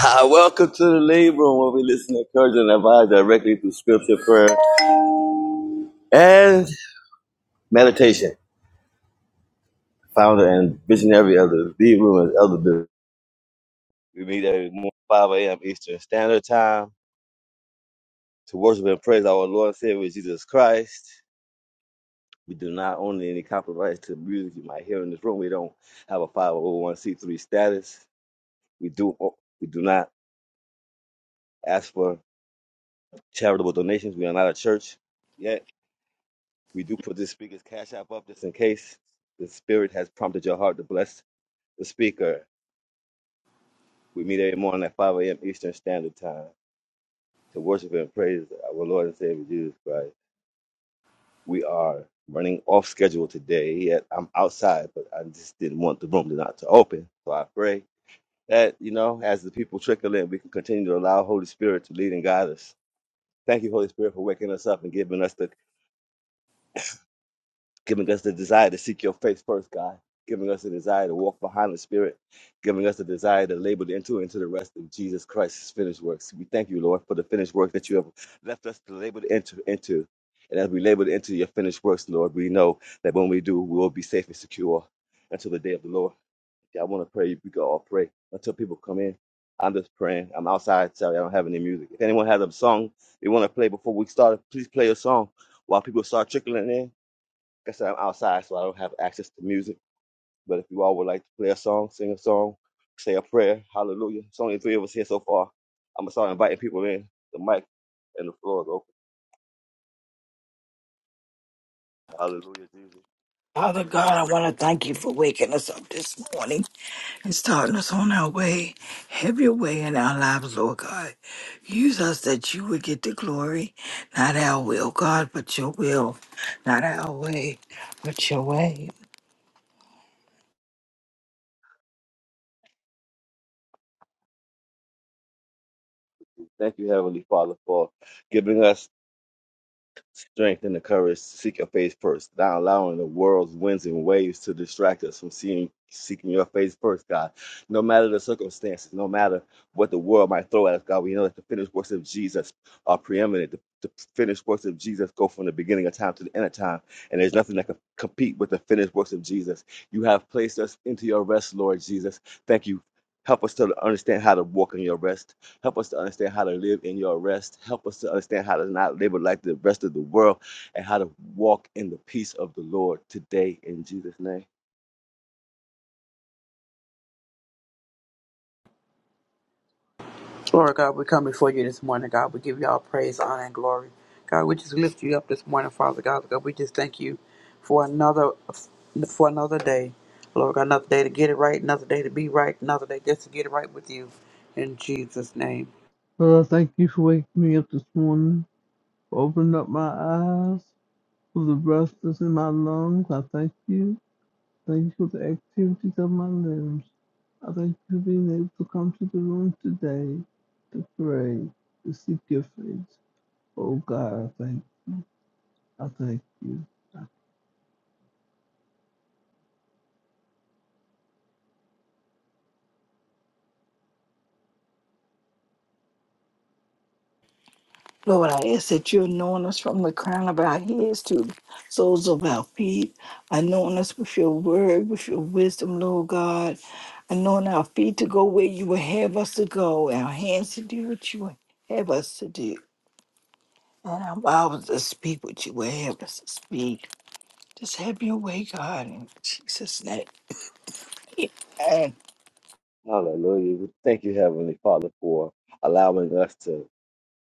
Ah, welcome to the Lead Room where we listen, to encourage, and advise directly through scripture, prayer, and meditation. Founder and visionary of the Lead Room is Elder Bill. We meet every morning 5 a.m. Eastern Standard Time to worship and praise our Lord and Savior Jesus Christ. We do not own any copyrights to music you might hear in this room. We don't have a 501c3 status. We do we do not ask for charitable donations. We are not a church yet. We do put this speaker's cash app up just in case the spirit has prompted your heart to bless the speaker. We meet every morning at 5 a.m. Eastern Standard Time to worship and praise our Lord and Savior Jesus Christ. We are running off schedule today. Yet I'm outside, but I just didn't want the room to not to open. So I pray that, you know, as the people trickle in, we can continue to allow Holy Spirit to lead and guide us. Thank you, Holy Spirit, for waking us up and giving us the giving us the desire to seek your face first, God, giving us the desire to walk behind the Spirit, giving us the desire to labor into into the rest of Jesus Christ's finished works. We thank you, Lord, for the finished work that you have left us to labor into. into. And as we labor into your finished works, Lord, we know that when we do, we will be safe and secure until the day of the Lord. Yeah, I want to pray. We can all pray until people come in. I'm just praying. I'm outside. Sorry, I don't have any music. If anyone has a song they want to play before we start, please play a song while people start trickling in like I said, I'm outside, so I don't have access to music. But if you all would like to play a song, sing a song, say a prayer, hallelujah. It's only three of us here so far. I'm gonna start inviting people in. The mic and the floor is open. Hallelujah, Jesus. Father God, I want to thank you for waking us up this morning and starting us on our way. Have your way in our lives, Lord God. Use us that you would get the glory, not our will, God, but your will, not our way, but your way. Thank you, Heavenly Father, for giving us Strength and the courage to seek your face first, not allowing the world's winds and waves to distract us from seeing seeking your face first, God. No matter the circumstances, no matter what the world might throw at us, God, we know that the finished works of Jesus are preeminent. The, the finished works of Jesus go from the beginning of time to the end of time, and there's nothing that can compete with the finished works of Jesus. You have placed us into your rest, Lord Jesus. Thank you. Help us to understand how to walk in your rest. Help us to understand how to live in your rest. Help us to understand how to not labor like the rest of the world and how to walk in the peace of the Lord today in Jesus' name. Lord God, we come before you this morning, God. We give you all praise, honor, and glory. God, we just lift you up this morning, Father God. God, we just thank you for another for another day. Lord God, another day to get it right, another day to be right, another day just to get it right with you. In Jesus' name. Lord, I thank you for waking me up this morning, for opening up my eyes, for the breath that's in my lungs. I thank you. Thank you for the activities of my limbs. I thank you for being able to come to the room today to pray, to seek your face. Oh God, I thank, I thank you. Lord, I ask that you anoint us from the crown of our heads to the soles of our feet. Anoint us with your word, with your wisdom, Lord God. Anoint our feet to go where you would have us to go, our hands to do what you would have us to do. And I'm about to speak with you would have to speak. Just have your way, God, in Jesus' name. And Hallelujah. We Thank you, Heavenly Father, for allowing us to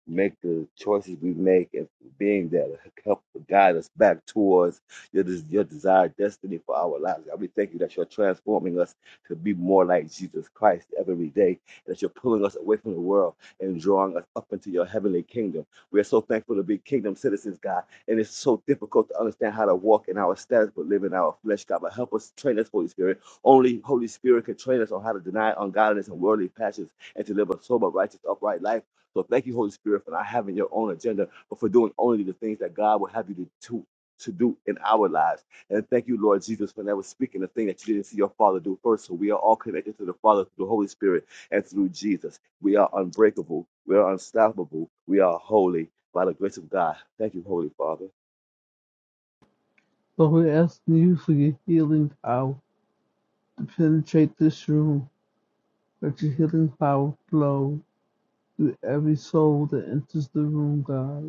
make the choices we make and being that help guide us back towards your, des- your desired destiny for our lives. God, we thank you that you're transforming us to be more like Jesus Christ every day, and that you're pulling us away from the world and drawing us up into your heavenly kingdom. We are so thankful to be kingdom citizens, God, and it's so difficult to understand how to walk in our status but live in our flesh, God. But help us train us, Holy Spirit. Only Holy Spirit can train us on how to deny ungodliness and worldly passions and to live a sober, righteous, upright life so thank you, Holy Spirit, for not having your own agenda, but for doing only the things that God will have you to do. To do in our lives. And thank you, Lord Jesus, for never speaking the thing that you didn't see your Father do first. So we are all connected to the Father through the Holy Spirit and through Jesus. We are unbreakable. We are unstoppable. We are holy by the grace of God. Thank you, Holy Father. Lord, we're asking you for your healing power to penetrate this room. Let your healing power flow through every soul that enters the room, God.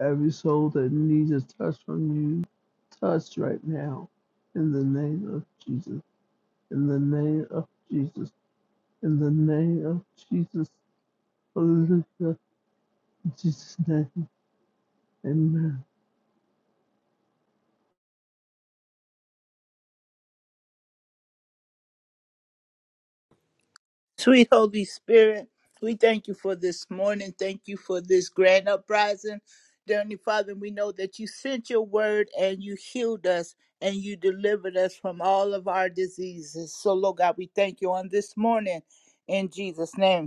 Every soul that needs a touch from you, touch right now. In the name of Jesus. In the name of Jesus. In the name of Jesus. Hallelujah. In Jesus' name. Amen. Sweet Holy Spirit, we thank you for this morning. Thank you for this grand uprising. Dear Heavenly Father, we know that you sent your word and you healed us and you delivered us from all of our diseases. So, Lord God, we thank you on this morning in Jesus' name.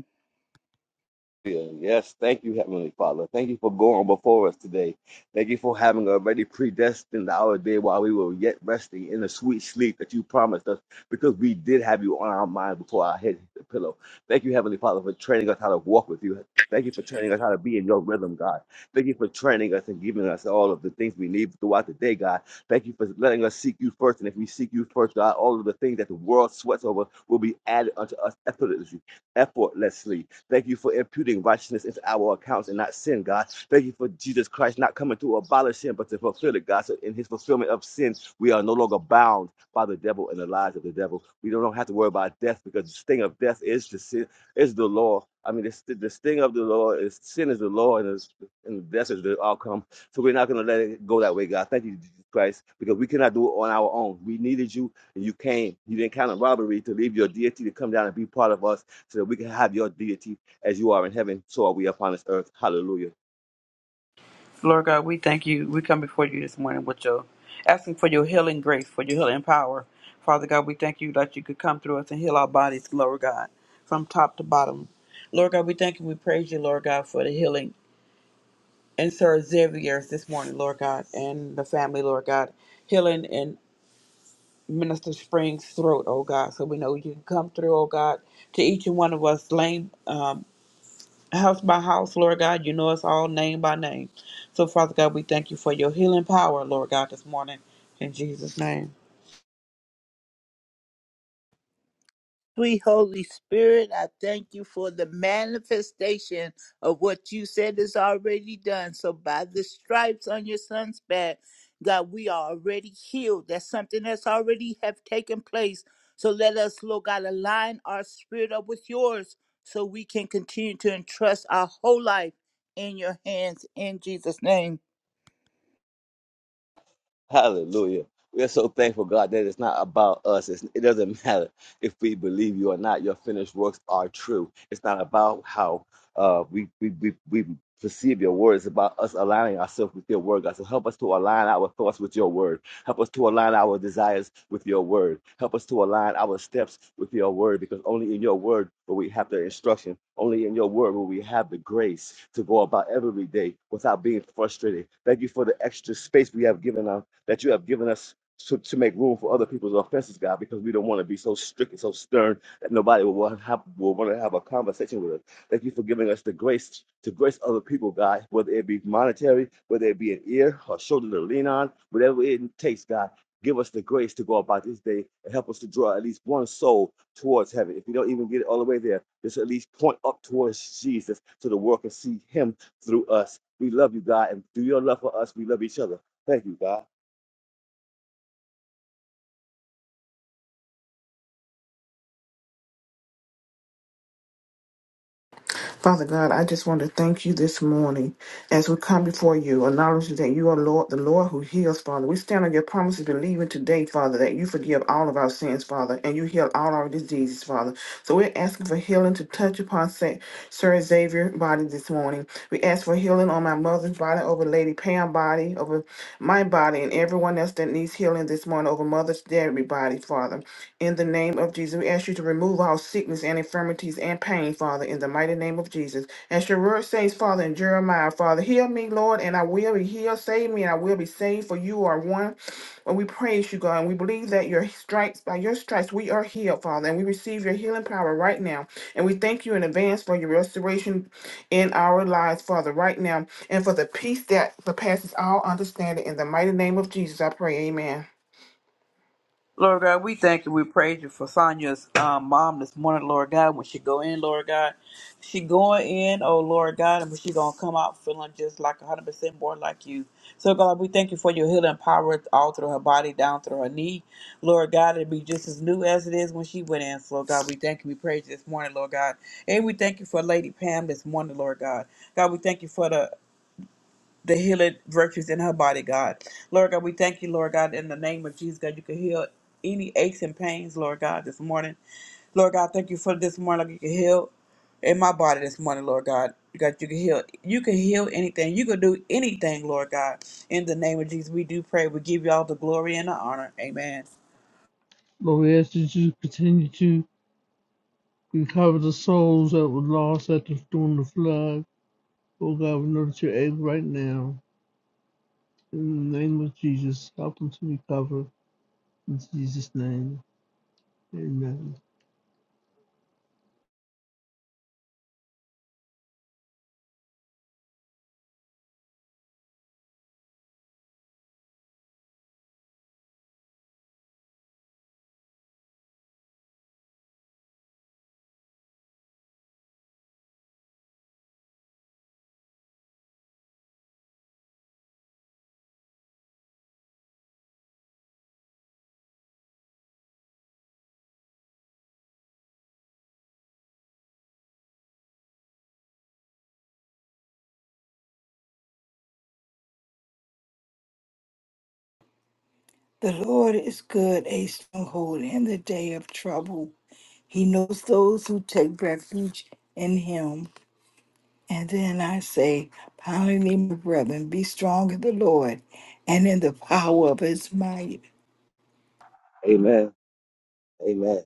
Yes, thank you, Heavenly Father. Thank you for going before us today. Thank you for having already predestined our day while we were yet resting in the sweet sleep that you promised us because we did have you on our mind before our head hit the pillow. Thank you, Heavenly Father, for training us how to walk with you. Thank you for training us how to be in your rhythm, God. Thank you for training us and giving us all of the things we need throughout the day, God. Thank you for letting us seek you first. And if we seek you first, God, all of the things that the world sweats over will be added unto us effortlessly. effortlessly. Thank you for imputing righteousness into our accounts and not sin, God. Thank you for Jesus Christ not coming to abolish sin, but to fulfill it, God. So in his fulfillment of sin, we are no longer bound by the devil and the lies of the devil. We don't have to worry about death because the sting of death is the sin, is the law. I mean, the, the sting of the law is sin is the law, and, is, and death is the outcome. So we're not going to let it go that way, God. Thank you, Jesus Christ, because we cannot do it on our own. We needed you, and you came. You didn't count on robbery to leave your deity to come down and be part of us so that we can have your deity as you are in heaven, so are we upon this earth. Hallelujah. Lord God, we thank you. We come before you this morning with your asking for your healing grace, for your healing power. Father God, we thank you that you could come through us and heal our bodies, Lord God, from top to bottom. Lord God, we thank you. We praise you, Lord God, for the healing and Sir Xavier's this morning, Lord God, and the family, Lord God, healing and Minister Spring's throat, oh God, so we know you can come through, oh God, to each and one of us, lane, um, house by house, Lord God, you know us all name by name. So, Father God, we thank you for your healing power, Lord God, this morning, in Jesus' name. Sweet Holy Spirit, I thank you for the manifestation of what you said is already done. So, by the stripes on your son's back, God, we are already healed. That's something that's already have taken place. So, let us, Lord God, align our spirit up with yours so we can continue to entrust our whole life in your hands in Jesus' name. Hallelujah. We are so thankful, God, that it's not about us. It's, it doesn't matter if we believe you or not. Your finished works are true. It's not about how uh, we, we, we, we perceive your word. It's about us aligning ourselves with your word, God. So help us to align our thoughts with your word. Help us to align our desires with your word. Help us to align our steps with your word because only in your word will we have the instruction. Only in your word will we have the grace to go about every day without being frustrated. Thank you for the extra space we have given our that you have given us to, to make room for other people's offenses, God, because we don't want to be so strict and so stern that nobody will want to have, will want to have a conversation with us. Thank you for giving us the grace to grace other people, God, whether it be monetary, whether it be an ear or shoulder to lean on, whatever it takes, God. Give us the grace to go about this day and help us to draw at least one soul towards heaven. If you don't even get it all the way there, just at least point up towards Jesus so the world can see him through us. We love you, God, and through your love for us, we love each other. Thank you, God. Father God, I just want to thank you this morning as we come before you, acknowledging that you are Lord, the Lord who heals, Father. We stand on your promises, believing today, Father, that you forgive all of our sins, Father, and you heal all our diseases, Father. So we're asking for healing to touch upon Sa- Sir Xavier's body this morning. We ask for healing on my mother's body, over Lady Pam's body, over my body, and everyone else that needs healing this morning, over Mother's Dairy body, Father. In the name of Jesus, we ask you to remove all sickness and infirmities and pain, Father, in the mighty name of Jesus. As your word says, Father, in Jeremiah, Father, heal me, Lord, and I will be healed. Save me, and I will be saved, for you are one. And we praise you, God, and we believe that your stripes, by your stripes, we are healed, Father, and we receive your healing power right now. And we thank you in advance for your restoration in our lives, Father, right now, and for the peace that surpasses all understanding. In the mighty name of Jesus, I pray, amen. Lord God, we thank you. We praise you for Sonia's um, mom this morning, Lord God. When she go in, Lord God, she going in, oh Lord God, and she gonna come out feeling just like a hundred percent more like you. So God, we thank you for your healing power all through her body, down through her knee, Lord God. It'll be just as new as it is when she went in. So Lord God, we thank you. We praise you this morning, Lord God, and we thank you for Lady Pam this morning, Lord God. God, we thank you for the the healing virtues in her body, God. Lord God, we thank you, Lord God, in the name of Jesus, God, you can heal any aches and pains, Lord God, this morning. Lord God, thank you for this morning, like you can heal in my body this morning, Lord God. God, you can heal. You can heal anything. You can do anything, Lord God. In the name of Jesus, we do pray. We give you all the glory and the honor. Amen. Lord, we ask that you continue to recover the souls that were lost at the, during the flood. Oh God, we know that you're able right now. In the name of Jesus, help them to recover. In Jesus' name. Amen. the Lord is good, a stronghold in the day of trouble. He knows those who take refuge in him. And then I say, finally, my brethren, be strong in the Lord and in the power of his might. Amen. Amen.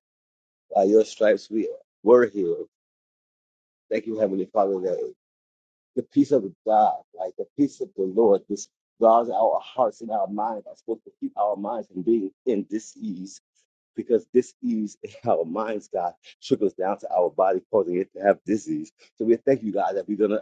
By your stripes we were healed. Thank you, Heavenly Father, that the peace of God, like the peace of the Lord, this guards our hearts and our minds are supposed to keep our minds from being in disease. Because disease in our minds, God, trickles down to our body, causing it to have disease. So we thank you, God, that we're gonna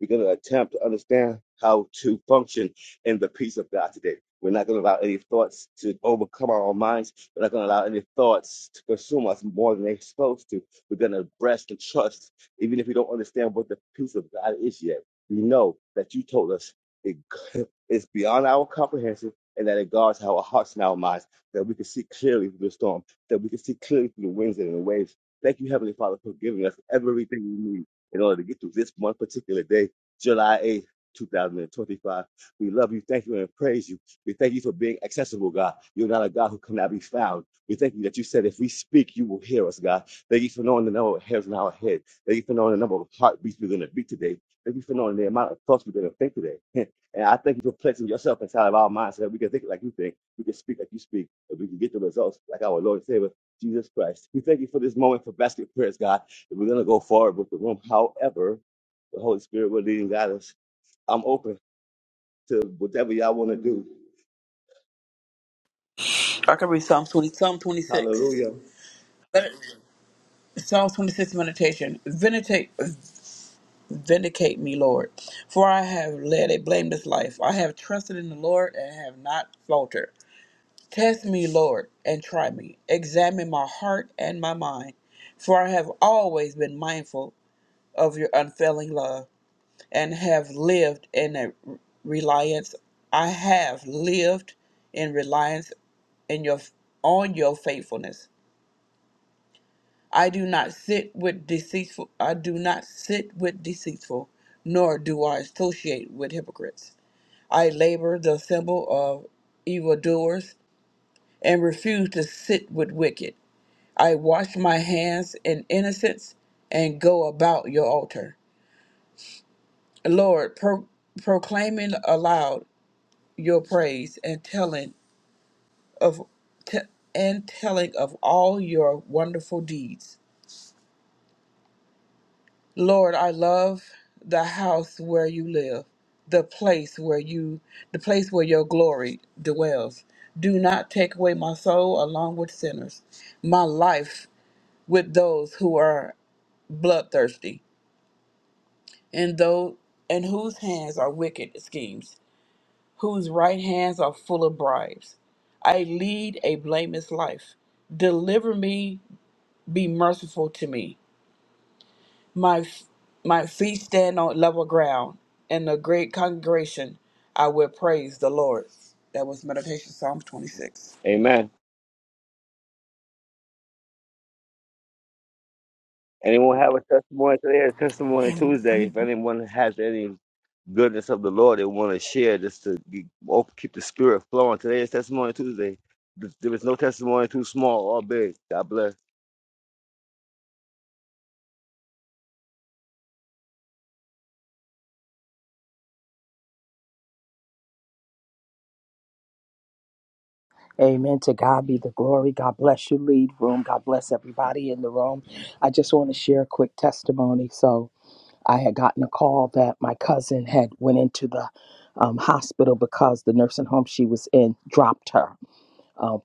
We're going to attempt to understand how to function in the peace of God today. We're not going to allow any thoughts to overcome our own minds. We're not going to allow any thoughts to consume us more than they're supposed to. We're going to rest and trust, even if we don't understand what the peace of God is yet. We know that you told us it is beyond our comprehension and that it guards our hearts and our minds, that we can see clearly through the storm, that we can see clearly through the winds and the waves. Thank you, Heavenly Father, for giving us everything we need in order to get through this one particular day July 8th, 2025. We love you, thank you, and praise you. We thank you for being accessible, God. You're not a God who cannot be found. We thank you that you said if we speak, you will hear us, God. Thank you for knowing the number of hairs in our head. Thank you for knowing the number of heartbeats we're going to beat today. Thank you for knowing the amount of thoughts we're going to think today. and I thank you for placing yourself inside of our minds so that we can think like you think, we can speak like you speak, and we can get the results like our Lord and Savior, Jesus Christ. We thank you for this moment for basket prayers, God. And we're going to go forward with the room. However, the Holy Spirit will lead and guide us. I'm open to whatever y'all want to do. I can read Psalm 20, Psalm 26. Hallelujah. Let it- Psalm 26 meditation. Meditate, Vindicate me, Lord, for I have led a blameless life. I have trusted in the Lord and have not faltered. Test me, Lord, and try me. Examine my heart and my mind, for I have always been mindful of your unfailing love and have lived in a reliance. I have lived in reliance in your on your faithfulness. I do not sit with deceitful. I do not sit with deceitful, nor do I associate with hypocrites. I labor the symbol of evildoers and refuse to sit with wicked. I wash my hands in innocence and go about your altar. Lord, pro- proclaiming aloud your praise and telling of te- and telling of all your wonderful deeds. Lord, I love the house where you live, the place where you, the place where your glory dwells. Do not take away my soul along with sinners, my life with those who are bloodthirsty, and those and whose hands are wicked schemes, whose right hands are full of bribes. I lead a blameless life. Deliver me, be merciful to me. My f- my feet stand on level ground. In the great congregation, I will praise the Lord. That was meditation Psalm 26. Amen. Anyone have a testimony today? It's Testimony Tuesday. If anyone has any goodness of the Lord they want to share, just to be, op- keep the spirit flowing. Today is Testimony Tuesday. Th- There is no testimony too small or big. God bless. Amen. To God be the glory. God bless you, lead room. God bless everybody in the room. I just want to share a quick testimony. So I had gotten a call that my cousin had went into the um, hospital because the nursing home she was in dropped her uh,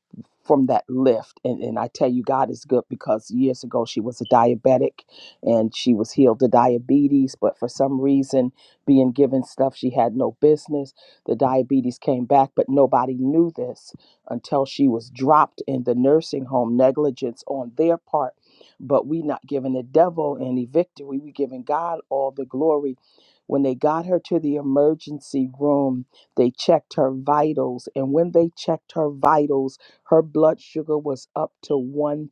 from that lift. And, and I tell you, God is good because years ago she was a diabetic and she was healed of diabetes, but for some reason, being given stuff she had no business, the diabetes came back, but nobody knew this until she was dropped in the nursing home, negligence on their part. But we not giving the devil any victory. We giving God all the glory. When they got her to the emergency room, they checked her vitals, and when they checked her vitals, her blood sugar was up to 1,000.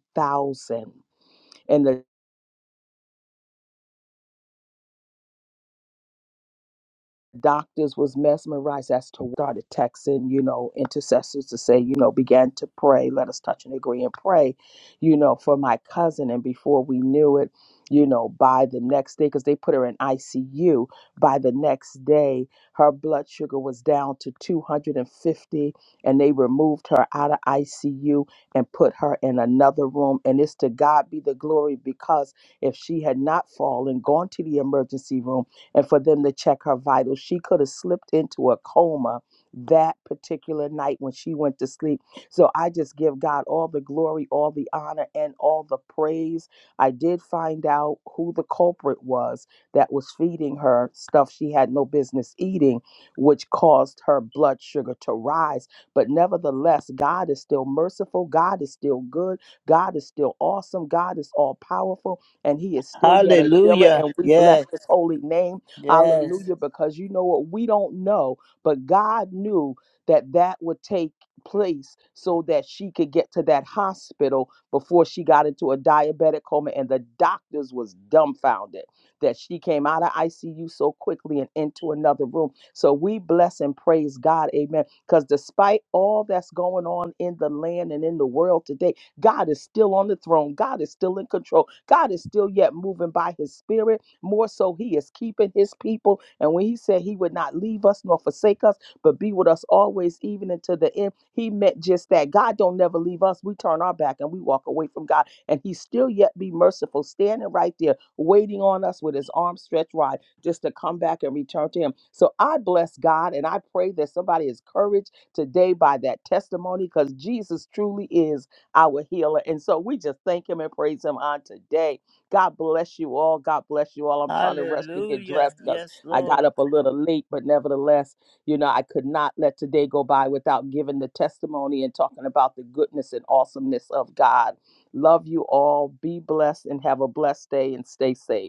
doctors was mesmerized as to started texting you know intercessors to say you know began to pray let us touch and agree and pray you know for my cousin and before we knew it you know by the next day because they put her in icu by the next day her blood sugar was down to 250 and fifty, and they removed her out of icu and put her in another room and it's to god be the glory because if she had not fallen gone to the emergency room and for them to check her vitals. She could have slipped into a coma that particular night when she went to sleep. So I just give God all the glory, all the honor, and all the praise. I did find out who the culprit was that was feeding her stuff she had no business eating, which caused her blood sugar to rise. But nevertheless, God is still merciful. God is still good. God is still awesome. God is all powerful, and He is still yet a healer. Hallelujah. And we bless Yes, His holy name yes. Hallelujah. Because you know what? We don't know, but God knew that that would take place so that she could get to that hospital before she got into a diabetic coma and the doctors was dumbfounded that she came out of ICU so quickly and into another room. So we bless and praise God. Amen. Cuz despite all that's going on in the land and in the world today, God is still on the throne. God is still in control. God is still yet moving by his spirit more so, he is keeping his people. And when he said he would not leave us nor forsake us, but be with us always, even until the end, he meant just that. God don't never leave us. We turn our back and we walk away from God. And he still yet be merciful, standing right there, waiting on us with his arms stretched wide just to come back and return to him. So I bless God and I pray that somebody is encouraged today by that testimony because Jesus truly is our healer. And so we just thank him and praise him on today. God bless you all. God bless you all. I'm trying to rush to get Hallelujah. dressed because Yes, I got Lord. up a little late, but nevertheless, you know, I could not let today go by without giving the testimony and talking about the goodness and awesomeness of God. Love you all. Be blessed and have a blessed day and stay safe.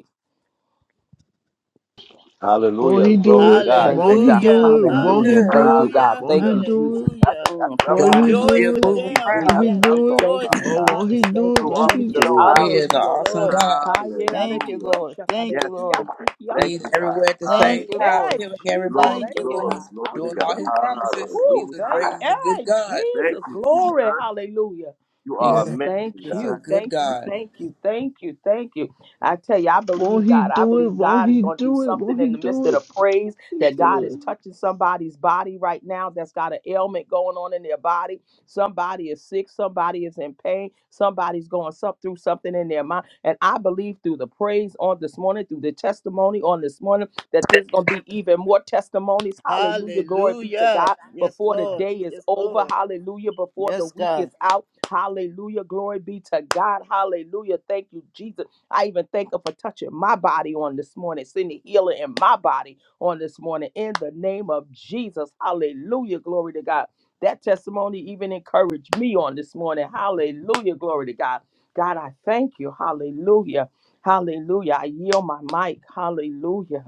Won't Hallelujah. he Glory do to it? God. Thank you, Thank Won't he you, God. do Hallelujah. Hallelujah. Jesus. it? Won't he Hallelujah. Good. Thank do you, it? God. Hallelujah. Won't Thank he Hallelujah. you, do Jesus. it? That's, a, Hallelujah. that's Mm, what I'm thank Won't God you, he is talking about, Jesus. Rejoice do still with it? Jesus. Thank moving you, them Won't That's around. he Jesus. that what I'm do it? talking Thank about, you, rejoices. Oh, God. won't Jesus. he Thank do it? you, Show up Won't Hallelujah. and he Jesus. Yes, show do out. it? He Lord. is an Yes, Hallelujah. Jesus. awesome Lord. God. Hallelujah. Thank you, Hallelujah. Lord. Thank Yes, you, God. Lord. Thank He's you, Hallelujah. everywhere at the God. Thank same Thank you, Hallelujah. time, Lord. hey, healing Jesus. everybody Glory, Thank Thank you, doing you, what glory, Lord. God. he's glory to doing, God. all his Hallelujah. promises. He's Woo, a thank great, Hallelujah. he's a good hey, God. Thank Jesus. you, Glory. Jesus. Hallelujah. You Yeah, are Mm, He's thank amazing, just God. a you. good Thank you. God. Thank you. Thank you. Thank you. I tell you, I Won't believe he God. I do it? believe Won't God is he going to do do it? something Won't he in the do midst of it? the praise He that God do is it. touching somebody's body right now that's got an ailment going on in their body. Somebody is sick, somebody is in pain, somebody's going some, through something in their mind. And I believe through the praise on this morning, through the testimony on this morning, that there's going to be even more testimonies. Hallelujah. Glory be to Hallelujah. God Yes, before the Lord. day is Yes, over. Lord. Hallelujah. Before the Yes, week God. is out. Hallelujah. Glory be to God. Hallelujah. Thank you, Jesus. I even thank Him for touching my body on this morning, sending healing in my body on this morning in the name of Jesus. Hallelujah. Glory to God. That testimony even encouraged me on this morning. Hallelujah. Glory to God. God, I thank you. Hallelujah. Hallelujah. I yield my mic. Hallelujah.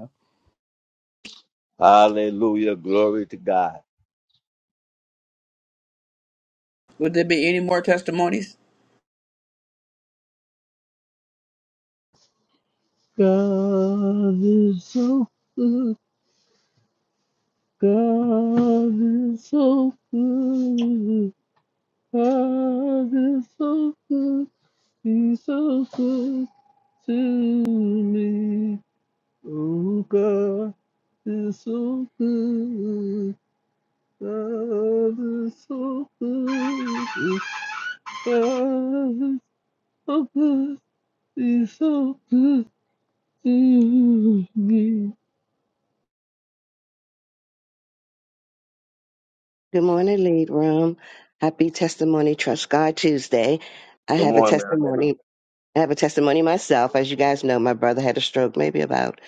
Hallelujah. Glory to God. Would there be any more testimonies? God is so good. God is so good. God is so good. He's so good to me. Oh God is so good. God is so good. God is so good. He's so good to me. Good morning, Lead Room. Happy Testimony Trust God Tuesday. I Good have a morning, Marilyn. testimony. I have a testimony myself. As you guys know, my brother had a stroke maybe about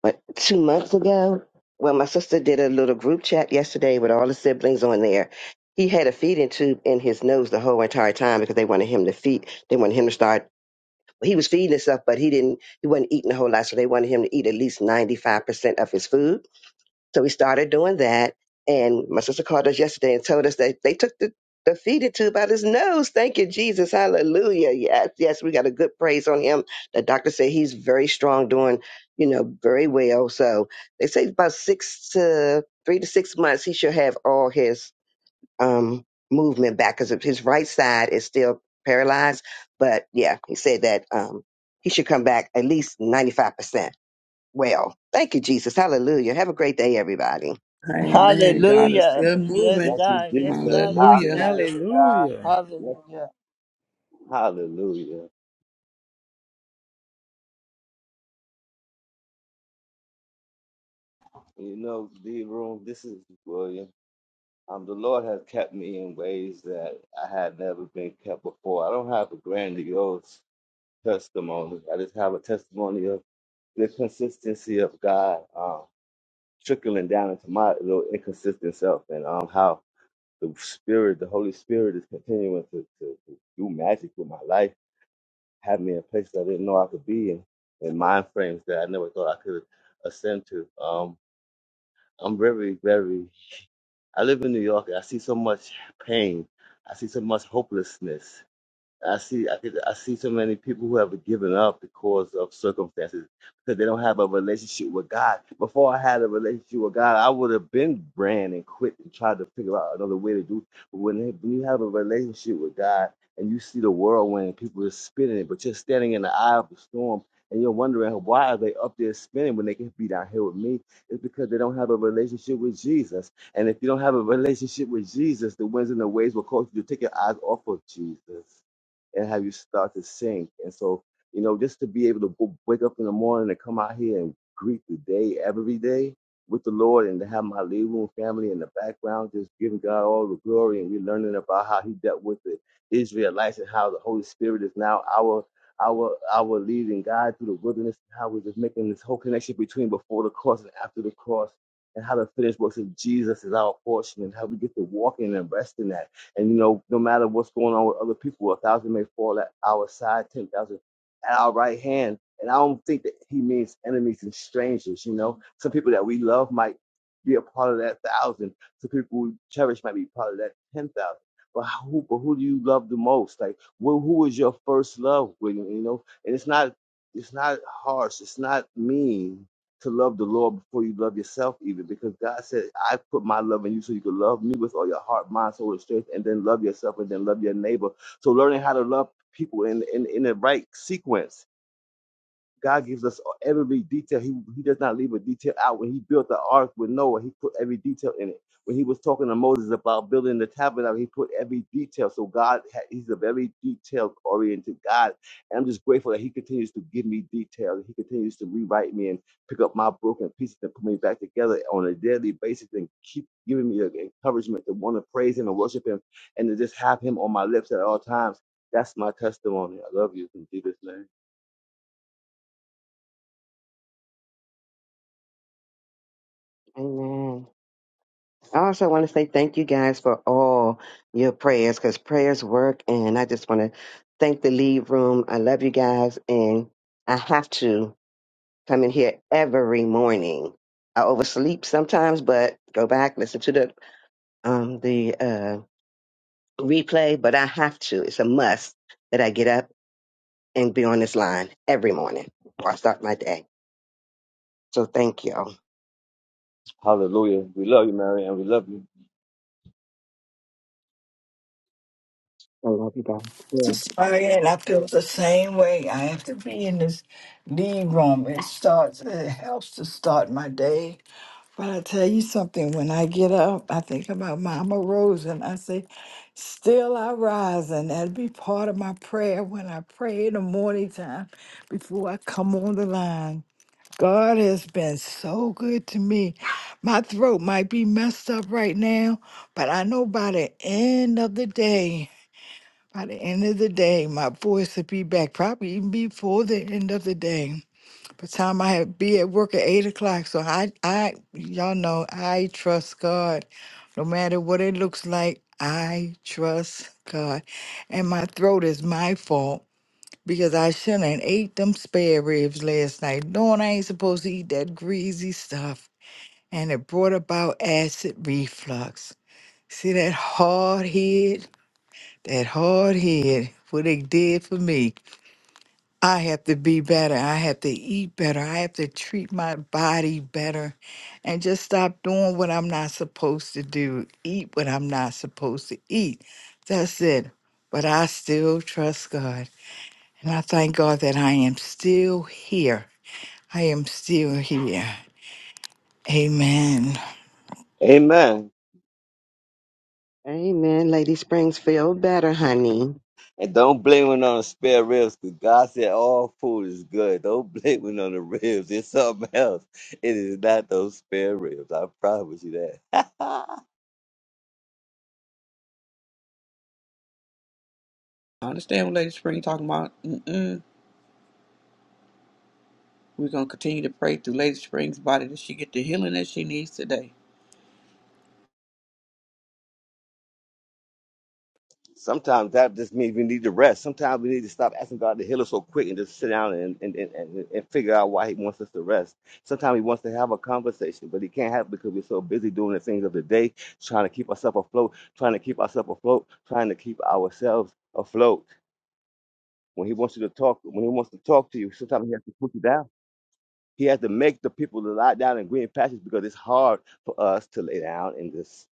what two months ago. Well, my sister did a little group chat yesterday with all the siblings on there. He had a feeding tube in his nose the whole entire time because they wanted him to feed. They wanted him to start. He was feeding himself, but he didn't. He wasn't eating a whole lot, so they wanted him to eat at least ninety five percent of his food so we started doing that. And my sister called us yesterday and told us that they took the, the feeder tube out his nose. Thank you, Jesus. Hallelujah. Yes, yes, we got a good praise on him. The doctor said he's very strong, doing, you know, very well. So they say about six to three to six months, he should have all his um, movement back because his right side is still paralyzed. But yeah, he said that um, he should come back at least 95% well. Thank you, Jesus. Hallelujah. Have a great day, everybody. Amen. God is Hallelujah. still Yes, moving. Thank you, God. Yes, Jesus. God. Yes, Hallelujah. God. Hallelujah. Hallelujah. Yes, Hallelujah. Hallelujah. You know, D room, this is William. Um, the Lord has kept me in ways that I had never been kept before. I don't have a grandiose testimony. I just have a testimony of the consistency of God um, trickling down into my little inconsistent self and um, how the Spirit, the Holy Spirit, is continuing to, to, to do magic with my life, have me in places I didn't know I could be in, and mind frames that I never thought I could ascend to. Um, I'm very, very I live in New York. and I see so much pain. I see so much hopelessness. I see, I could, I see so many people who have given up because of circumstances because they don't have a relationship with God. Before I had a relationship with God, I would have been ran and quit and tried to figure out another way to do. But when, when you have a relationship with God and you see the whirlwind and people are spinning it, but you're standing in the eye of the storm and you're wondering why are they up there spinning when they can be down here with me? It's because they don't have a relationship with Jesus. And if you don't have a relationship with Jesus, the winds and the waves will cause you to take your eyes off of Jesus and have you start to sink. And so, you know, just to be able to w- wake up in the morning and come out here and greet the day every day with the Lord and to have my living room family in the background, just giving God all the glory. And we're learning about how he dealt with the Israelites and how the Holy Spirit is now our our our leading guide through the wilderness, and how we're just making this whole connection between before the cross and after the cross, and how the finished works of Jesus is our portion, and how we get to walk in and rest in that and you know, no matter what's going on with other people, a thousand may fall at our side, ten thousand at our right hand. And I don't think that he means enemies and strangers. You know, some people that we love might be a part of that thousand. Some people we cherish might be part of that ten thousand. But who, but who do you love the most? Like, who, who is your first love, William? You know, and it's not, it's not harsh. It's not mean to love the Lord before you love yourself, even because God said, I put my love in you so you can love me with all your heart, mind, soul, and strength, and then love yourself and then love your neighbor. So learning how to love people in, in, in the right sequence God gives us every detail. He, he does not leave a detail out. When he built the ark with Noah, he put every detail in it. When he was talking to Moses about building the tabernacle, he put every detail. So God, ha- he's a very detail oriented God. And I'm just grateful that he continues to give me details. He continues to rewrite me and pick up my broken pieces and put me back together on a daily basis and keep giving me the encouragement to want to praise him and worship him and to just have him on my lips at all times. That's my testimony. I love you in Jesus' name. Amen. I also want to say thank you guys for all your prayers because prayers work. And I just want to thank the lead room. I love you guys. And I have to come in here every morning. I oversleep sometimes, but go back, listen to the, um, the uh, replay. But I have to. It's a must that I get up and be on this line every morning before I start my day. So thank you. I Hallelujah. We love you, Mary, and we love you. love you guys. Yeah. Just sorry, and I feel the same way. I have to be in this lead room. It starts. It helps to start my day. But I tell you something. When I get up, I think about Mama Rose, and I say, "Still I rise," and that'll be part of my prayer when I pray in the morning time before I come on the line. God has been so good to me. My throat might be messed up right now, but I know by the end of the day. By the end of the day, my voice would be back, probably even before the end of the day. By the time I had be at work at eight o'clock, so I, I, y'all know, I trust God. No matter what it looks like, I trust God. And my throat is my fault because I shouldn't have ate them spare ribs last night, knowing I ain't supposed to eat that greasy stuff. And it brought about acid reflux. See that hard head? That hard head, what it did for me. I have to be better. I have to eat better. I have to treat my body better and just stop doing what I'm not supposed to do, eat what I'm not supposed to eat. That's it. But I still trust God. And I thank God that I am still here. I am still here. Amen. Amen. Amen. Lady Springs, feel better, honey. And don't blame it on the spare ribs because God said all food is good. Don't blame it on the ribs. It's something else. It is not those spare ribs. I promise you that. I understand what Lady Spring talking about. Mm-mm. We're gonna continue to pray through Lady Spring's body that she get the healing that she needs today. Sometimes that just means we need to rest. Sometimes we need to stop asking God to heal us so quick and just sit down and, and, and, and, and figure out why He wants us to rest. Sometimes He wants to have a conversation, but He can't have it because we're so busy doing the things of the day, trying to keep ourselves afloat, trying to keep ourselves afloat, trying to keep ourselves afloat. When He wants you to talk, when He wants to talk to you, sometimes He has to put you down. He has to make the people to lie down in green pastures because it's hard for us to lay down and just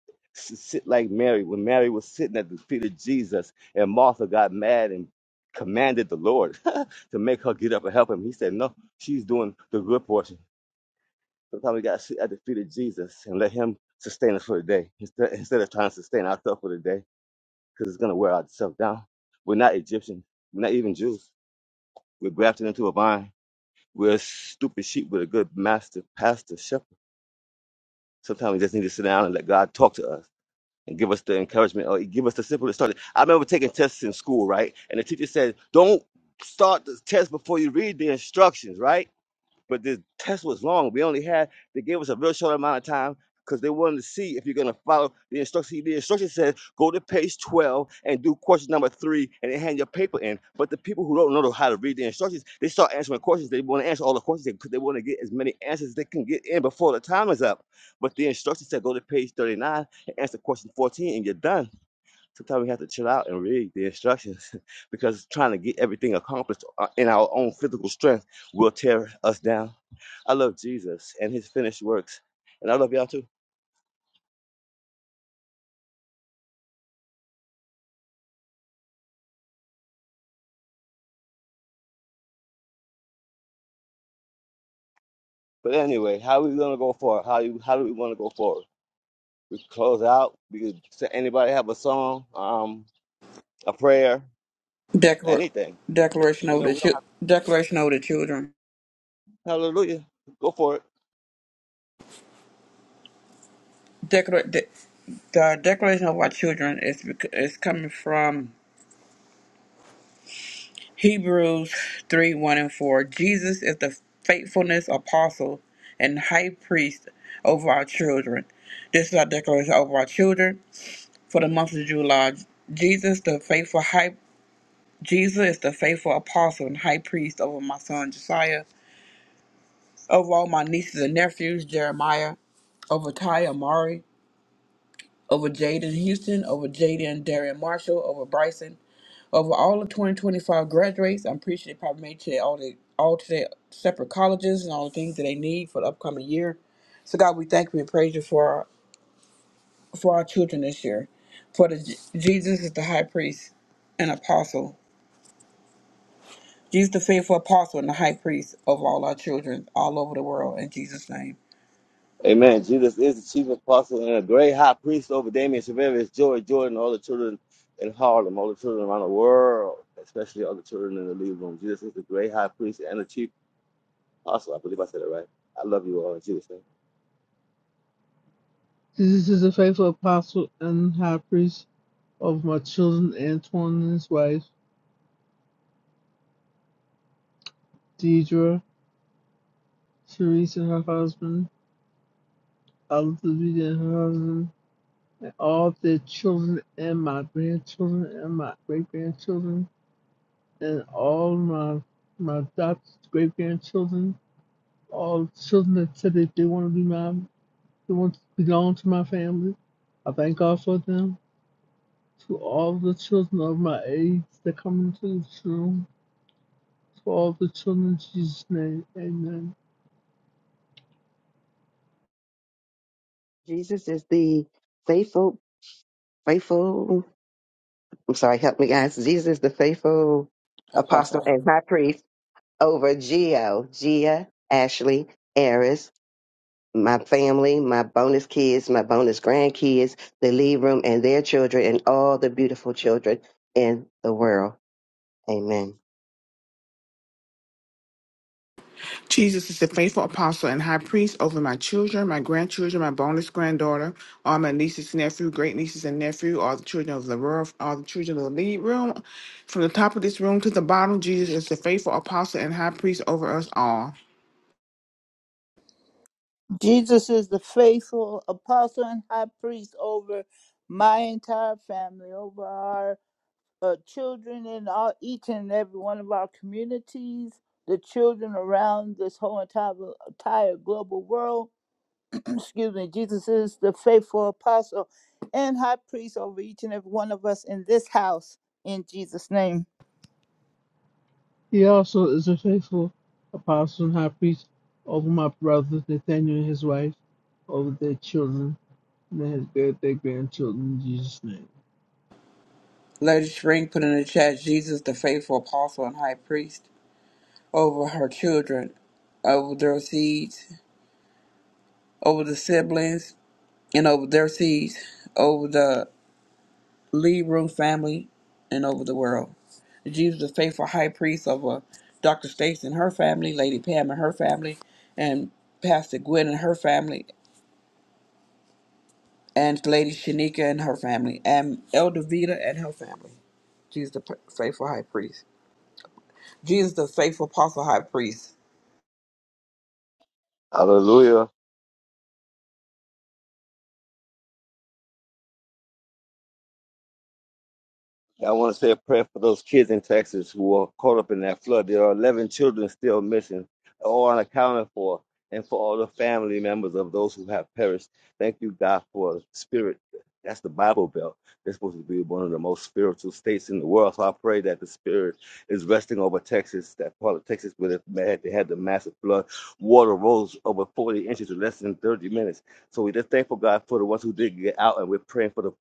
sit like Mary. When Mary was sitting at the feet of Jesus and Martha got mad and commanded the Lord to make her get up and help him, he said, No, she's doing the good portion. Sometimes we got to sit at the feet of Jesus and let him sustain us for the day instead, instead of trying to sustain ourselves for the day because it's going to wear ourselves down. We're not Egyptian. We're not even Jews. We're grafted into a vine. We're stupid sheep with a good master, pastor, shepherd Sometimes we just need to sit down and let God talk to us and give us the encouragement or give us the simple start. I remember taking tests in school, right? And the teacher said, Don't start the test before you read the instructions, right? But the test was long. We only had they gave us a real short amount of time because they wanted to see if you're gonna follow the instruction. The instruction said go to page 12 and do question number three and then hand your paper in. But the people who don't know how to read the instructions, they start answering questions. They want to answer all the questions because they want to get as many answers as they can get in before the time is up. But the instruction said go to page 39 and answer question 14 and you're done sometimes we have to chill out and read the instructions because trying to get everything accomplished uh, in our own physical strength will tear us down. I love Jesus and his finished works, and I love y'all too. But anyway, how are we gonna go forward? How you how do we wanna go forward? We close out. We could say anybody have a song, um, a prayer, Declar- anything. declaration You over know, the we don't have chil- declaration over the children. hallelujah. Go for it. Declar- de- the declaration of our children is bec- is coming from Hebrews three one and four. Jesus is the faithfulness apostle and high priest over our children. This is our declaration over our children for the month of July. Jesus, the faithful high Jesus is the faithful apostle and high priest over my son Josiah, over all my nieces and nephews, Jeremiah, over Ty Amari, over Jaden Houston, over Jaden Darian Marshall, over Bryson, over all the 2025 graduates. I'm pretty sure they probably made to all the all to their separate colleges and all the things that they need for the upcoming year. So God, we thank you and praise you for our, for our children this year. For the Jesus is the high priest and apostle Jesus, the faithful apostle and the high priest of all our children all over the world, in Jesus' name. Amen. Jesus is the chief apostle and a great high priest over Damien Severus, Joy Jordan, all the children in Harlem, all the children around the world, especially all the children in the lead room. Jesus is the great high priest and the chief apostle. I believe I said it right. I love you all in Jesus' name. This is a faithful apostle and high priest of my children, Antoine and his wife, Deidre, Therese and her husband, Olivia and her husband, and all their children and my grandchildren and my great grandchildren and all my my adopted great grandchildren, all children that said that they want to be my they want to belong to my family. I thank God for them. To all the children of my age that come into this room, to all the children in Jesus' name, amen. Jesus is the faithful, faithful. I'm sorry, help me, guys. Jesus is the faithful apostle Apostle. and high priest over Geo, Gia, Ashley, Eris, my family, my bonus kids, my bonus grandkids, the lead room and their children, and all the beautiful children in the world. Amen. Jesus is the faithful apostle and high priest over my children, my grandchildren, my bonus granddaughter, all my nieces, nephew, great nieces and nephew, all the children of the world, all the children of the lead room. From the top of this room to the bottom, Jesus is the faithful apostle and high priest over us all. Jesus is the faithful apostle and high priest over my entire family, over our uh, children and all, each and every one of our communities, the children around this whole entire, entire global world. Excuse me. Jesus is the faithful apostle and high priest over each and every one of us in this house. In Jesus' name. He also is a faithful apostle and high priest over my brother Nathaniel and his wife, over their children, and their, their grandchildren in Jesus' name. Lady Spring put in the chat, Jesus, the faithful apostle and high priest over her children, over their seeds, over the siblings, and over their seeds, over the Lee Room family, and over the world. Jesus, the faithful high priest of uh, Dr. Stacy and her family, Lady Pam and her family, and Pastor Gwen and her family, and Lady Shanika and her family, and Elder Vita and her family. Jesus the p- faithful high priest. Jesus the faithful apostle high priest. Hallelujah. I want to say a prayer for those kids in Texas who were caught up in that flood. There are 11 children still missing, all unaccounted for, and for all the family members of those who have perished. Thank you, God, for the spirit. That's the Bible Belt. They're supposed to be one of the most spiritual states in the world. So I pray that the spirit is resting over Texas, that part of Texas where they had, the massive flood. Water rose over 40 inches in less than 30 minutes. So we just thankful God for the ones who did get out, and we're praying for the,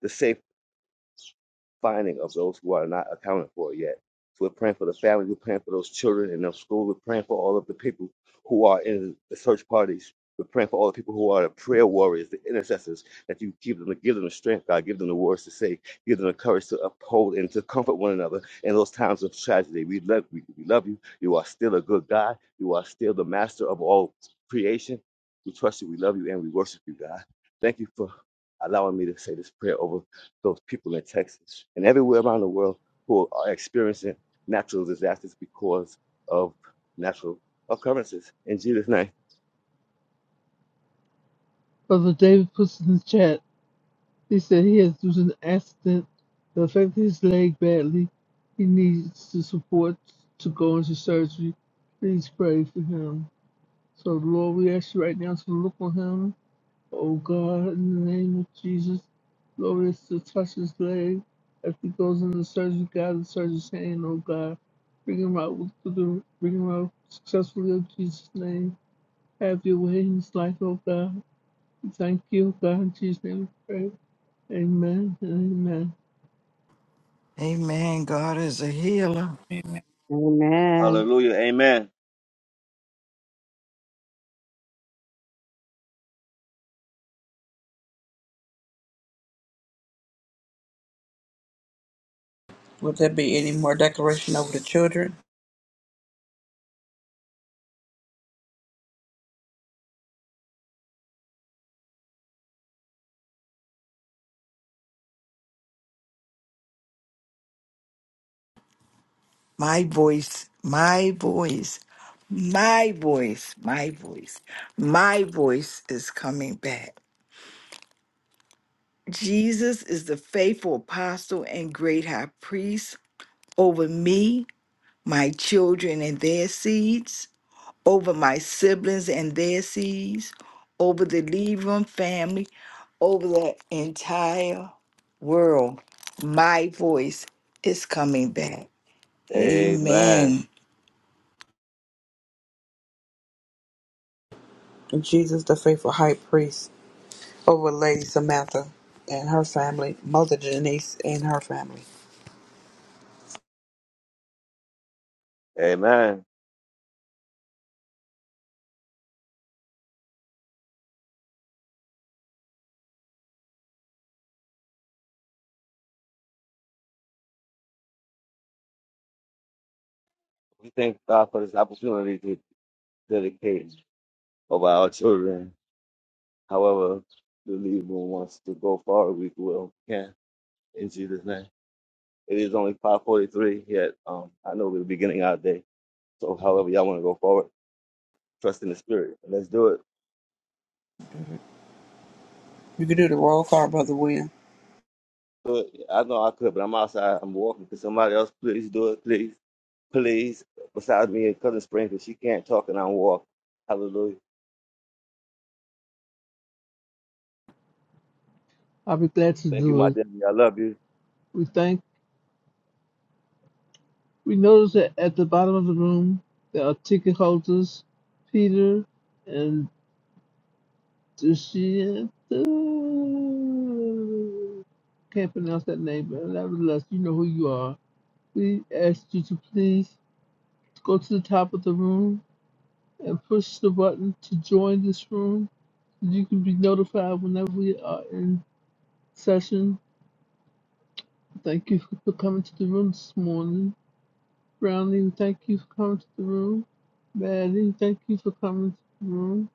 the safe finding of those who are not accounted for yet. So we're praying for the families, we're praying for those children in those schools, we're praying for all of the people who are in the search parties. We're praying for all the people who are the prayer warriors, the intercessors, that you give them, give them the strength, God, give them the words to say, give them the courage to uphold and to comfort one another in those times of tragedy. We love, we, we love you. You are still a good God. You are still the master of all creation. We trust you, we love you, and we worship you, God. Thank you for allowing me to say this prayer over those people in Texas and everywhere around the world who are experiencing natural disasters because of natural occurrences. In Jesus' name. Brother David puts in the chat They said he has due to an accident that affected his leg badly. He needs the support to go into surgery. Please pray for him. So, Lord, we ask you right now to look on him. Oh, God, in the name of Jesus, Lord, we ask you to touch his leg. As he goes into surgery, God, the surgeon's hand, oh, God, bring him out, with the, bring him out successfully, in Jesus' name. Have your way in his life, oh, God. We Thank you, God, in Jesus' name we pray. Amen and amen. Amen. God is a healer. Amen. Hallelujah. Amen. Would there be any more declaration over the children? My voice, my voice, my voice, my voice, my voice is coming back. Jesus is the faithful apostle and great high priest over me, my children and their seeds, over my siblings and their seeds, over the Levum family, over the entire world. My voice is coming back. Amen. Amen. Jesus the faithful high priest over Lady Samantha and her family, Mother Denise and her family. Amen. We thank God for this opportunity to dedicate of our children. However, the leader wants to go far, we will. Yeah. In Jesus' name. It is only 543 yet. Um, I know we're beginning our day. So however y'all want to go forward, trust in the spirit. Let's do it. You can do the roll call, Brother William. do it. I know I could, but I'm outside. I'm walking. Could somebody else please do it, please? Please, besides me and Cousin Spring, because she can't talk and I'm walking. Hallelujah. I'll be glad to Thank you, my do it. dear. I love you. We thank. We notice that at the bottom of the room there are ticket holders, Peter and Dushienta. Can't pronounce that name, but nevertheless, you know who you are. We ask you to please go to the top of the room and push the button to join this room. so You can be notified whenever we are in session. Thank you for coming to the room this morning. Brownie, thank you for coming to the room. Maddie, thank you for coming to the room.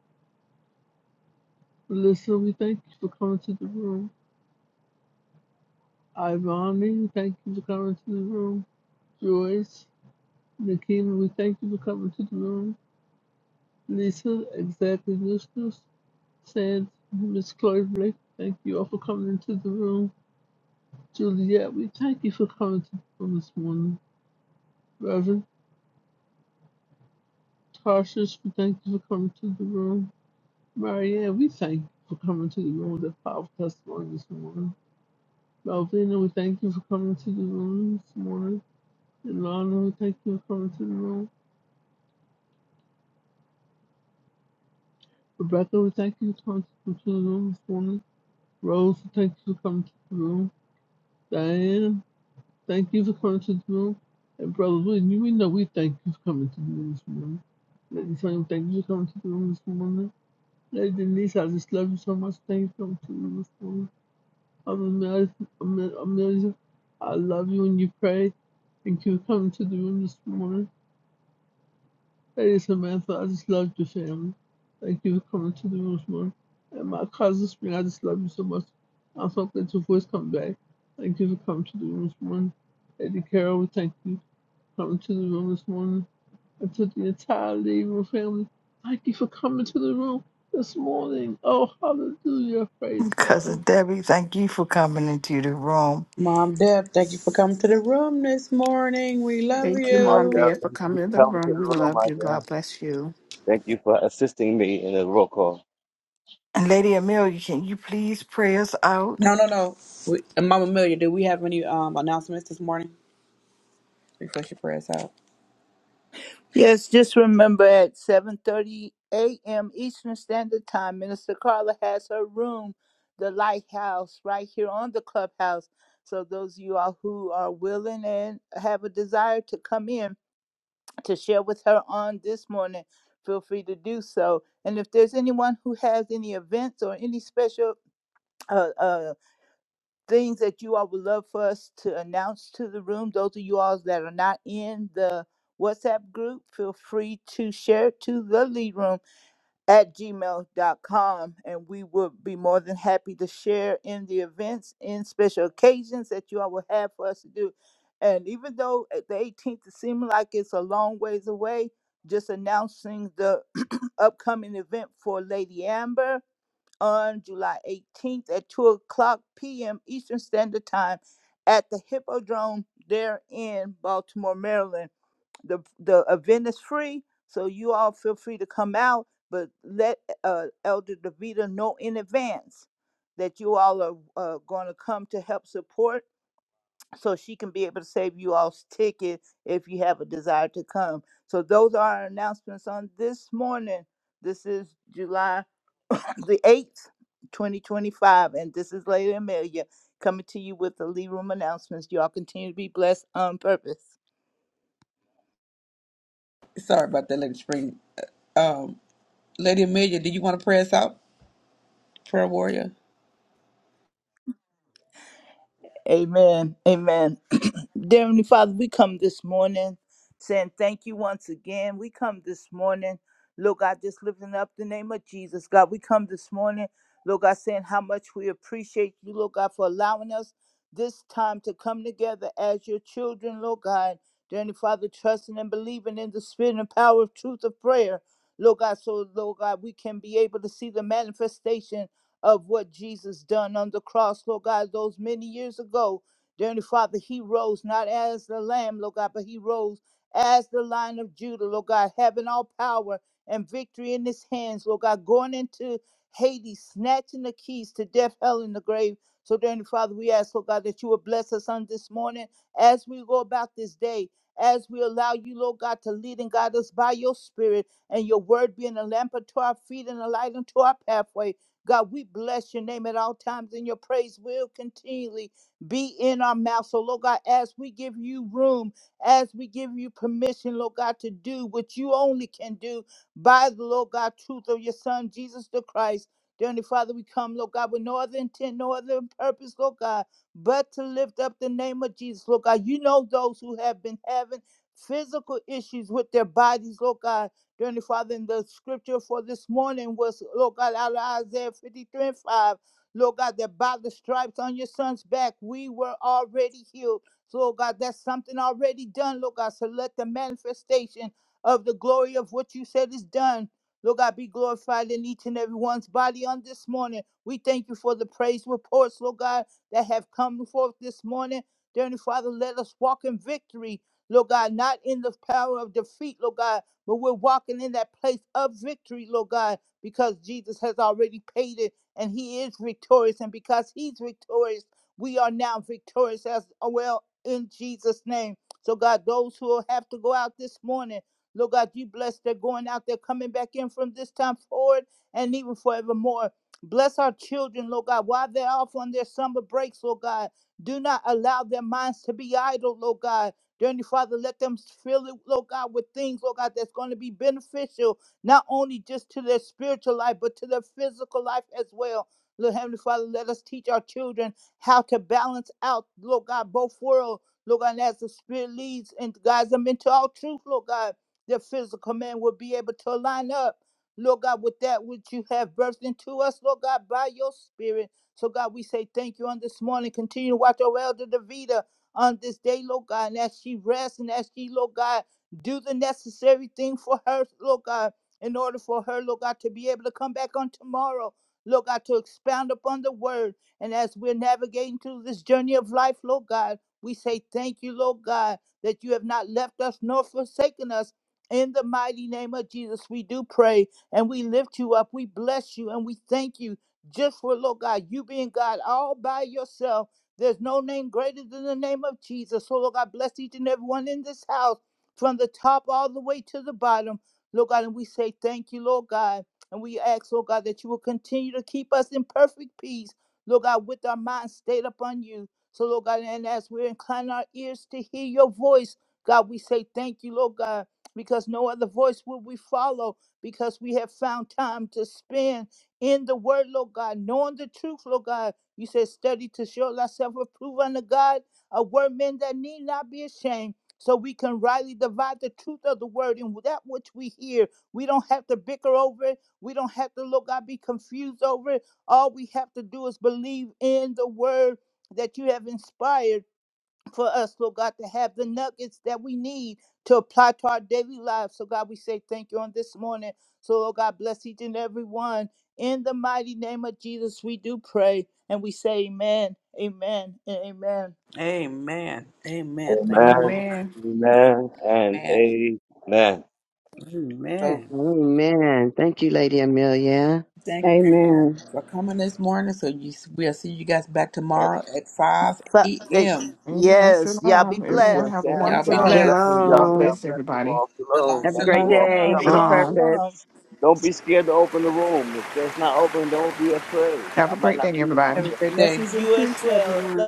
Melissa, we thank you for coming to the room. Ivani, we thank you for coming to the room. Joyce, Nikema, we thank you for coming to the room. Lisa, exactly listeners. Sands, Miss Chloe Blake, thank you all for coming into the room. Juliet, we thank you for coming to the room this morning. Reverend Tarsus, we thank you for coming to the room. Maria, we thank you for coming to the room with a powerful testimony this morning. Malvina, we thank you for coming to the room this morning. And Lana, we thank you for coming to the room. Rebecca, we thank you for coming to the room this morning. Rose, we thank you for coming to the room. Diane, thank you for coming to the room. And Brother William, you we know we thank you for coming to the room this morning. Lady Sonia, thank you for coming to the room this morning. Lady Denise, I just love you so much. Thank you for coming to the room this morning. I'm amazed. I'm amazed. I love you when you pray. Thank you for coming to the room this morning. Lady Samantha, I just love your family. Thank you for coming to the room this morning. And my cousin Spring, I just love you so much. I'm so glad your voice come back. Thank you for coming to the room this morning. Lady Carol, we thank you for coming to the room this morning. And to the entire living room family, thank you for coming to the room this morning. Oh, hallelujah. Praise God. Cousin Debbie, thank you for coming into the room. Mom Deb, thank you for coming to the room this morning. We love Thank Love you, you, my Mom, you. dear. Dad, for Thank coming you to the for coming to room. the We room, love my you. dear. God bless you. Thank you for assisting me in the roll call. And Lady Amelia, can you please pray us out? No, no, no. We, and Mama Amelia, do we have any um announcements this morning? Refresh your prayers out. Yes, just remember at 7:30 a.m. Eastern Standard Time, Minister Carla has her room, the Lighthouse, right here on the clubhouse. So those of you all who are willing and have a desire to come in to share with her on this morning, feel free to do so. And if there's anyone who has any events or any special uh, uh, things that you all would love for us to announce to the room. Those of you all that are not in the WhatsApp group, feel free to share it to the lead room at gmail.com. And we will be more than happy to share in the events and special occasions that you all will have for us to do. And even though at the 18th it seems like it's a long ways away, just announcing the upcoming event for Lady Amber on July 18th at 2 o'clock p.m. Eastern Standard Time at the Hippodrome there in Baltimore, Maryland. The, the event is free, so you all feel free to come out, but let uh, Elder DeVita know in advance that you all are uh, going to come to help support so she can be able to save you all's ticket if you have a desire to come. So those are our announcements on this morning. This is July the 8th, 2025. And this is Lady Amelia coming to you with the lead room announcements. Y'all continue to be blessed on purpose. Sorry about that, Lady Spring. Um, Lady Amelia, do you want to pray us out, prayer warrior? Amen. Amen. Dear Heavenly Father, we come this morning saying thank you once again. We come this morning, Lord God, just lifting up the name of Jesus. God, we come this morning, Lord God, saying how much we appreciate you, Lord God, for allowing us this time to come together as your children, Lord God. Dear Heavenly Father, trusting and believing in the spirit and power of truth of prayer. Lord God, so Lord God, we can be able to see the manifestation of what Jesus done on the cross, Lord God, those many years ago. Dear Heavenly Father, he rose not as the lamb, Lord God, but he rose as the lion of Judah, Lord God, having all power and victory in his hands, Lord God, going into Hades, snatching the keys to death, hell, and the grave. So, dear Heavenly Father, we ask, Lord God, that you will bless us on this morning as we go about this day, as we allow you, Lord God, to lead and guide us by your spirit and your word being a lamp unto our feet and a light unto our pathway. God, we bless your name at all times, and your praise will continually be in our mouth. So, Lord God, as we give you room, as we give you permission, Lord God, to do what you only can do by the Lord God truth of your Son, Jesus the Christ. Dear Heavenly Father, we come, Lord God, with no other intent, no other purpose, Lord God, but to lift up the name of Jesus, Lord God. You know those who have been having physical issues with their bodies, Lord God. Dearly Father, in the scripture for this morning was, Lord God, out of Isaiah 53 and 5. Lord God, that by the stripes on your son's back, we were already healed. So, Lord God, that's something already done, Lord God. So let the manifestation of the glory of what you said is done. Lord God, be glorified in each and every one's body on this morning. We thank you for the praise reports, Lord God, that have come forth this morning. Dearly Father, let us walk in victory, Lord God, not in the power of defeat, Lord God but we're walking in that place of victory, Lord God, because Jesus has already paid it and he is victorious. And because he's victorious, we are now victorious as well in Jesus' name. So, God, those who will have to go out this morning, Lord God, you bless their going out, they're coming back in from this time forward and even forevermore. Bless our children, Lord God, while they're off on their summer breaks, Lord God. Do not allow their minds to be idle, Lord God Dearly Father, let them fill it, Lord God, with things, Lord God, that's going to be beneficial, not only just to their spiritual life, but to their physical life as well. Lord Heavenly Father, let us teach our children how to balance out, Lord God, both worlds. Lord God, and as the Spirit leads and guides them into all truth, Lord God, their physical man will be able to line up, Lord God, with that which you have birthed into us, Lord God, by your Spirit. So, God, we say thank you on this morning. Continue to watch our elder Davida on this day, Lord God, and as she rests and as she, Lord God, do the necessary thing for her, Lord God, in order for her, Lord God, to be able to come back on tomorrow, Lord God, to expound upon the word. And as we're navigating through this journey of life, Lord God, we say thank you, Lord God, that you have not left us nor forsaken us. In the mighty name of Jesus, we do pray and we lift you up. We bless you and we thank you just for, Lord God, you being God all by yourself. There's no name greater than the name of Jesus. So, Lord God, bless each and everyone in this house from the top all the way to the bottom. Lord God, and we say thank you, Lord God. And we ask, Lord God, that you will continue to keep us in perfect peace, Lord God, with our minds stayed upon you. So, Lord God, and as we incline our ears to hear your voice, God, we say thank you, Lord God, because no other voice will we follow, because we have found time to spend in the word, Lord God, knowing the truth, Lord God you said, study to show thyself approved unto God, a workman that need not be ashamed. So we can rightly divide the truth of the word and that which we hear. We don't have to bicker over it. We don't have to look, God, be confused over it. All we have to do is believe in the word that you have inspired for us, Lord God, to have the nuggets that we need to apply to our daily lives. So, God, we say thank you on this morning. So, Lord God, bless each and every one. In the mighty name of Jesus, we do pray and we say amen, amen, and amen. Amen. Amen. Thank you, Amen. Mama. Amen. Amen. And Man, amen. so Amen. Amen. Thank you, Lady Amelia. thank you everyone Amen. for coming this morning. So you, we'll see you guys back tomorrow It's- at 5 so, it- a.m. Amen. Yes, y'all be Shalom. Everyone Eastern have blessed. a Standard Love Y'all wonderful be you Time. day. all. blessed. Blessings, y'all. God God Shalom. bless bless you everybody. all. Shalom, Shalom. Have a Thank great you shalom, all for day shalom. on coming. Shalom, Shalom. purpose. shalom. Don't be scared to open the room. If it's not open, don't be afraid. Have I a might great not day, be in one everybody. Have day. a great day. Blessings and You as peace, well. everyone.